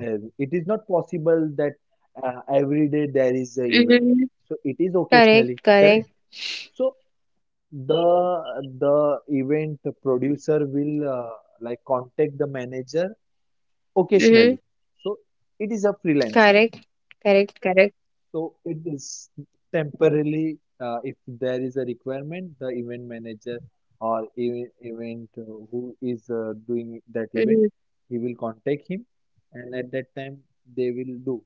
B: it is not possible that every day there is a event,
A: Hmm.
B: so it is occasionally,
A: Correct,
B: correct.
A: correct.
B: So the event producer will, like, contact the manager
A: Mhm.
B: occasionally, so it is a freelancer.
A: Correct, correct, correct.
B: So it is temporarily, if there is a requirement, the event manager, or event, who is doing that event,
A: Mhm.
B: he will contact him, and at that time they will do.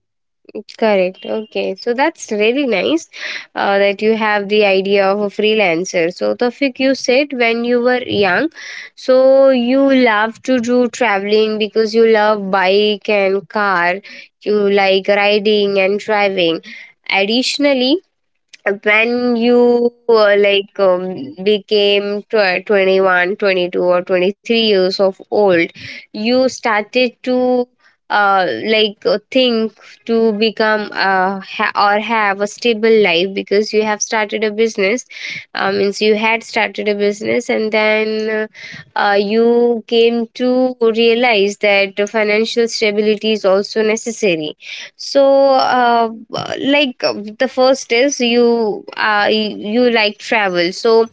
A: Correct. Okay. So that's really nice that you have the idea of a freelancer. So, Tawfiq, you said when you were young, so you love to do traveling because you love bike and car, you like riding and driving. Additionally, when you like became 21 22 or 23 years of old you started to think to become ha- or have a stable life because you have started a business, means you had started a business, and then you came to realize that financial stability is also necessary. So, the first is you like travel. So,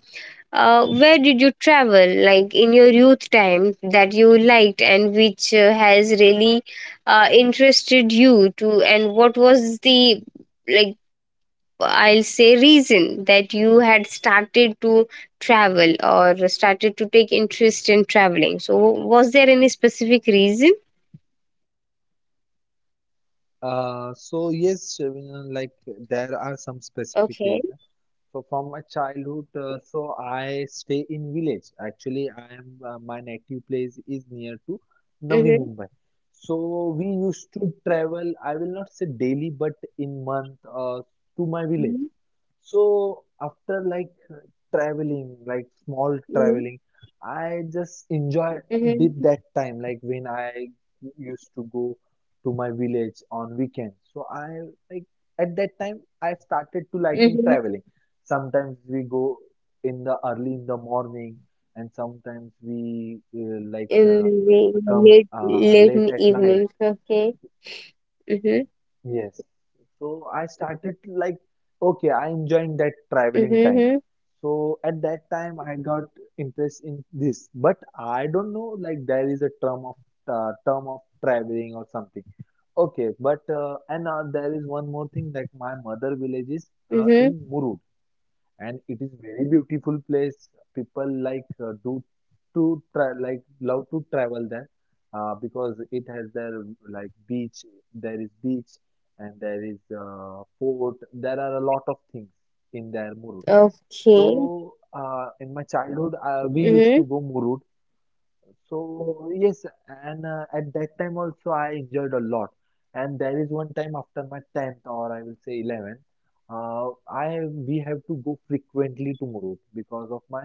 A: where did you travel, like in your youth time, that you liked and which has really interested you to, and what was the like, I'll say, reason that you had started to travel or started to take interest in traveling. So, was there any specific reason?
B: So yes, Shabina, like there are some specific
A: Okay.
B: reasons. So from my childhood, so I stay in village. Actually, I am my native place is near to Navi
A: Mm-hmm.
B: Mumbai. So we used to travel, I will not say daily, but in month, to my village. So after, like, traveling, like small traveling, I just enjoy
A: Mm-hmm.
B: did that time, like when I used to go to my village on weekends. So, I, like, at that time I started to liking
A: Mhm.
B: traveling. Sometimes we go in the early in the morning, and sometimes we like
A: In the
B: come
A: late late
B: late
A: in
B: at night.
A: evenings, okay. Mhm.
B: Yes. So I started, like, okay, I enjoying that traveling time.
A: Mhm.
B: So at that time, I got interest in this, but I don't know, like there is a term of traveling or something. Okay, but and there is one more thing, that my mother village is
A: Mhm.
B: in
A: Mhm.
B: Muru, and it is very beautiful place. People like love to travel there, because it has their, like, beach. There is beach, and there is fort. There are a lot of things in there Murud.
A: Okay.
B: So in my childhood, we used
A: Mhm.
B: to go Murud, so yes, and at that time also I enjoyed a lot. And there is one time after my 10th, or I will say 11th, I we have to go frequently to Murud because of my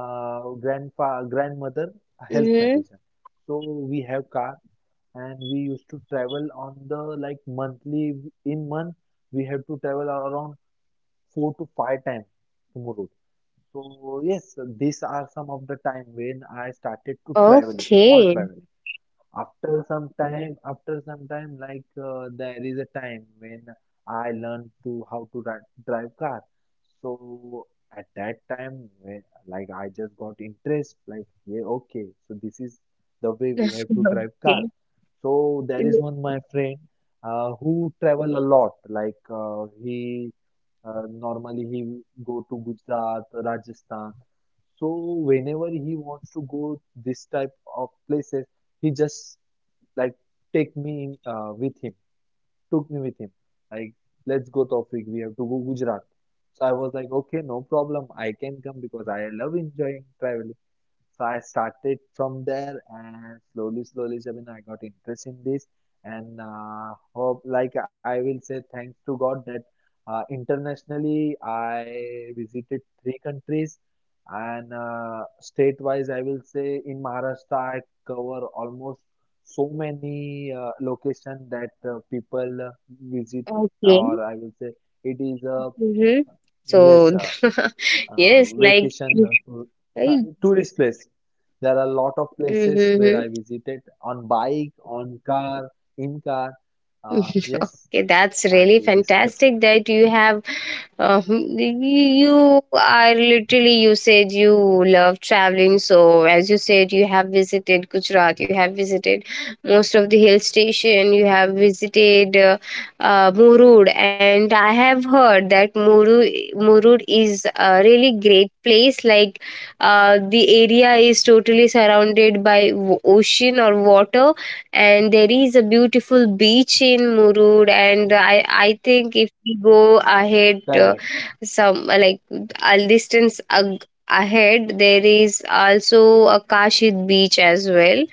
B: grandfa grandmother health
A: Mhm.
B: condition. So we have car, and we used to travel on the, like, monthly, in month we have to travel around four to five times to Murud. So yes, these are some of the time when I started to traveling, small
A: Okay.
B: traveling. After some time, like there is a time when I learned to how to drive car. So at that time, when, like I just got interest, like yeah, okay, so this is the way we have to drive car.
A: Okay.
B: So there
A: Mhm.
B: is one my friend, who travel a lot. Like, he normally he go to Gujarat, Rajasthan. So whenever he wants to go this type of places, he just, like, take me in, with him, took me with him. Like, let's go, Taufik, we have to go Gujarat. So I was like, okay, no problem, I can come because I love enjoying traveling. So I started from there, and slowly, slowly, Sabina, I got interest in this, and hope, like I will say thanks to God that internationally I visited three countries, and state-wise I will say in Maharashtra I cover almost so many location that people visit,
A: Okay.
B: or I will say it is a,
A: Mhm. So,
B: yes, uh,
A: yes, like,
B: vacation,
A: right?
B: tourist place. There are a lot of places where
A: Mm-hmm.
B: I visited on bike, on car, in car. Yes,
A: Okay, that's
B: I
A: really
B: do this type of.
A: fantastic that you have. You are literally, you said, you love traveling. So, as you said, you have visited Gujarat, you have visited most of the hill station, you have visited Murud. And I have heard that Murud is a really great place. Like, the area is totally surrounded by ocean or water, and there is a beautiful beach in Murud. And I think if we go ahead,
B: Correct.
A: some like a distance ahead, there is also a Kashid beach as well,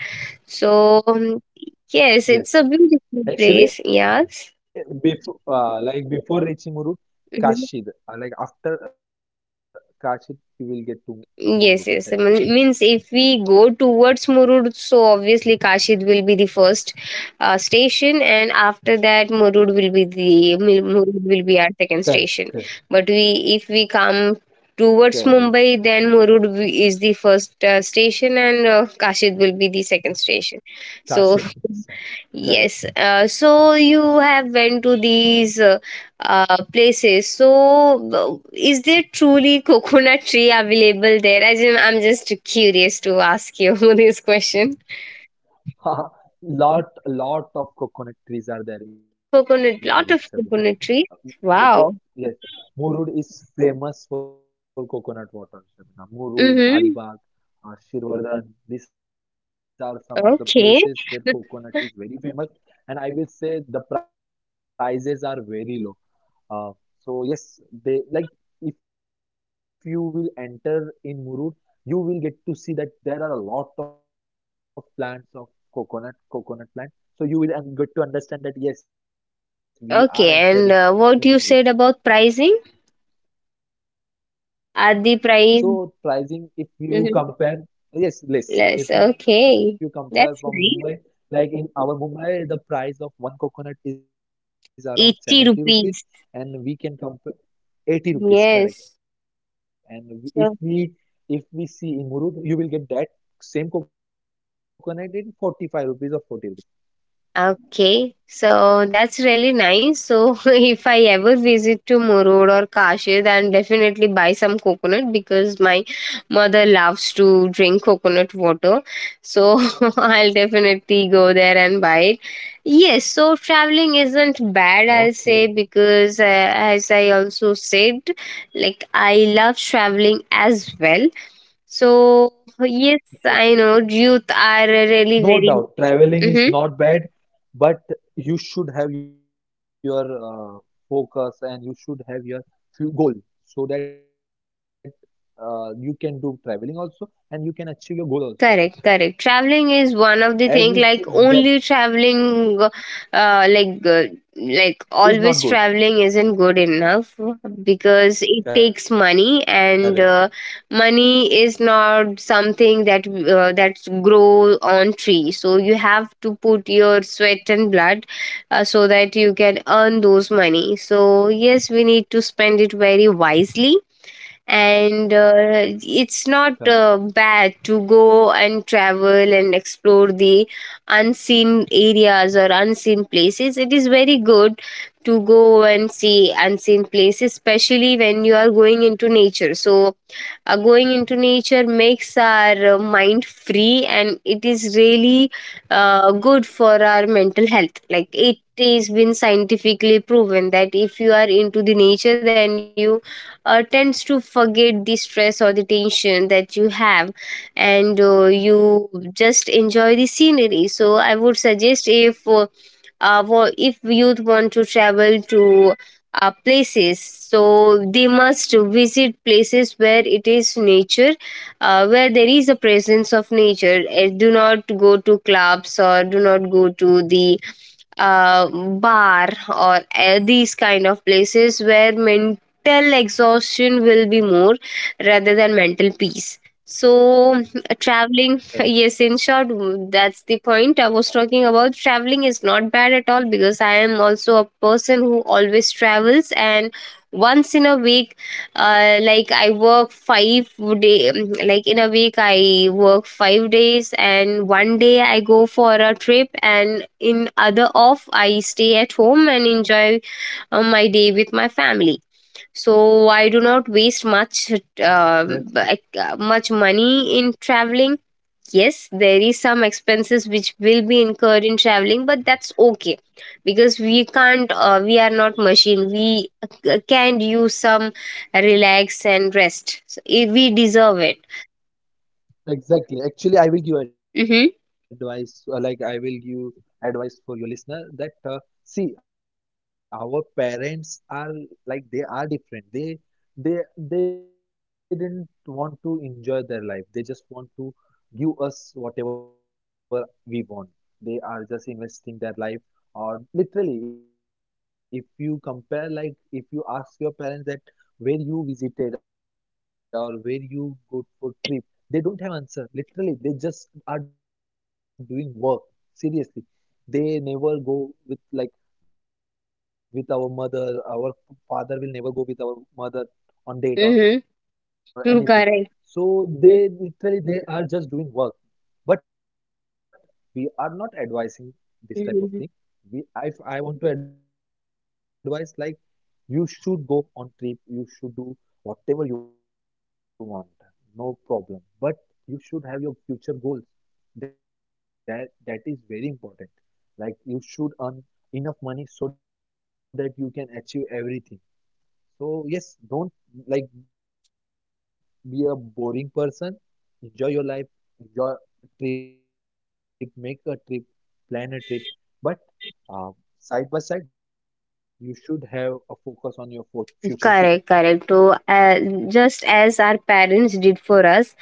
A: so yes, it's a
B: Yes,
A: beautiful place, yes.
B: actually, before, like before reaching Murud,
A: Mm-hmm.
B: Kashi, like after Kashi, you will get to
A: Yes,
B: go
A: yes. I
B: Murud.
A: mean,
B: Uh,
A: means if we go towards Murud, so obviously Kashid will be the first station, and after that Murud will be the Murud will be our second station.
B: Correct,
A: But
B: correct,
A: we, if we come towards
B: correct.
A: Mumbai, then Murud is the first station, and Kashid will be the second station. So
B: Kashi, yes, sir.
A: yes.
B: Correct.
A: So you have went to these places. So is there truly coconut tree available there? As in, I'm just curious to ask you this question.
B: Lot of coconut trees are there in
A: Coconut, lot
B: Murud,
A: of
B: Sabina.
A: coconut trees. Wow.
B: Yes. Murud is famous for coconut water, Sabina. Murud,
A: Mm-hmm.
B: Alibag, Shirvardhan, these are some of the
A: Okay.
B: places where coconut is very famous. And I will say the prices are very low. Uh, so yes, they, like, if you will enter in Murud, you will get to see that there are a lot of plants of coconut plant. So you will get to understand that yes, we are
A: Okay. And
B: entering
A: what you
B: in
A: said
B: Murud.
A: about pricing? Are the price,
B: So pricing, if
A: mm-hmm,
B: you compare, yes,
A: less?
B: less. If
A: Okay.
B: you compare
A: That's
B: from
A: nice.
B: Mumbai, like in our Mumbai, the price of one coconut is around
A: 80
B: 70
A: rupees.
B: rupees, and we can compare 80
A: Yes.
B: rupees, correct, and if
A: So,
B: we if we see in Murud you will get that same coconut in 45 rupees or 40 rupees.
A: okay, so that's really nice. So if I ever visit to Murud or Kashi, then definitely buy some coconut because my mother loves to drink coconut water. So I'll definitely go there and buy it. Yes, so traveling isn't bad, I'll say,
B: Okay.
A: because as I also said, like, I love traveling as well. So yes, I know youth
B: Yes,
A: are
B: no
A: really very.
B: doubt traveling is
A: Mhm.
B: not bad, but you should have your, uh, focus, and you should have your few goal, so that you can do traveling also, and you can achieve your
A: Correct,
B: goal
A: correct.
B: also,
A: Traveling is one of the thing, like
B: everything that
A: only traveling, like
B: is not
A: always
B: good,
A: traveling isn't good enough because it takes money, and
B: correct,
A: money is not something that that grows on tree. So you have to put your sweat and blood so that you can earn those money. So yes, we need to spend it very wisely, and it's not
B: correct,
A: bad to go and travel and explore the unseen areas or unseen places. It is very good to go and see unseen places, especially when you are going into nature. So going into nature makes our mind free, and it is really good for our mental health. Like, it has been scientifically proven that if you are into the nature, then you tends to forget the stress or the tension that you have, and you just enjoy the scenery. So I would suggest if if youth want to travel to places, so they must visit places where it is nature, where there is a presence of nature. Do not go to clubs or do not go to the uh, bar or these kind of places where men till exhaustion will be more rather than mental peace. So uh, traveling, yes, in short,
B: correct,
A: that's the point I was talking about. Traveling is not bad at all, because I am also a person who always travels, and once in a week, like, I work 5 day, like, in a week I work 5 days, and one day I go for a trip, and in other off I stay at home and enjoy my day with my family. So I do not waste much, uh,
B: that's good.
A: money in traveling. Yes, there is some expenses which will be incurred in traveling, but that's okay because we can't, we are not machine, we can use some relax and rest. So, we deserve it.
B: Exactly. Actually, I will
A: Mm-hmm.
B: give advice, like I will give advice for your listener, that, see, our parents are, like, they are different. They didn't want to enjoy their life. They just want to give us whatever we want. They are just investing their life, or literally if you compare, like if you ask your parents that where you visited or where you go for trip, they don't have answer. Literally they just are doing work, seriously. They never go with, like, with our mother, our father will never go with our mother on
A: Mm-hmm.
B: date or anything.
A: correct.
B: So they literally, they are just doing work. But we are not advising this type
A: Mm-hmm.
B: of thing. We if i want to advise, like you should go on trip, you should do whatever you want, no problem. But you should have your future goals, that is very important. Like you should earn enough money so that you can achieve everything. So yes, don't, like, be a boring person. Enjoy your life, enjoy trip, make a trip, plan a trip, but uh, side by side you should have a focus on your future too
A: Correct, correct. So, just as our parents did for us,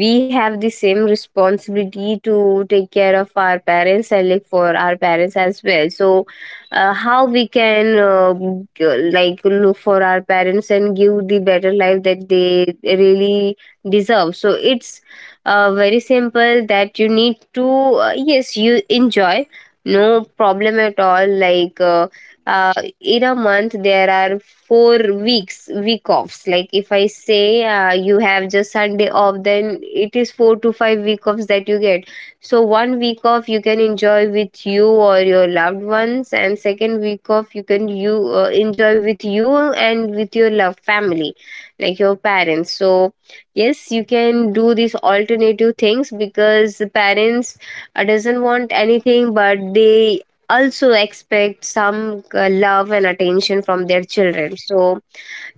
A: we have the same responsibility to take care of our parents and like for our parents as well. So, how we can like look for our parents and give the better life that they really deserve. So, it's very simple that you need to, yes, you enjoy, no problem at all. Like. Uh, in a month there are 4 weeks week offs, like if I say, you have just Sunday off, then it is 4 to 5 week offs that you get. So one week off you can enjoy with you or your loved ones, and second week off you can, you enjoy with you and with your love family, like your parents. So yes, you can do these alternative things because the parents doesn't want anything, but they also expect some love and attention from their children. So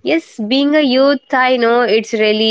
A: yes, being a youth, I know it's really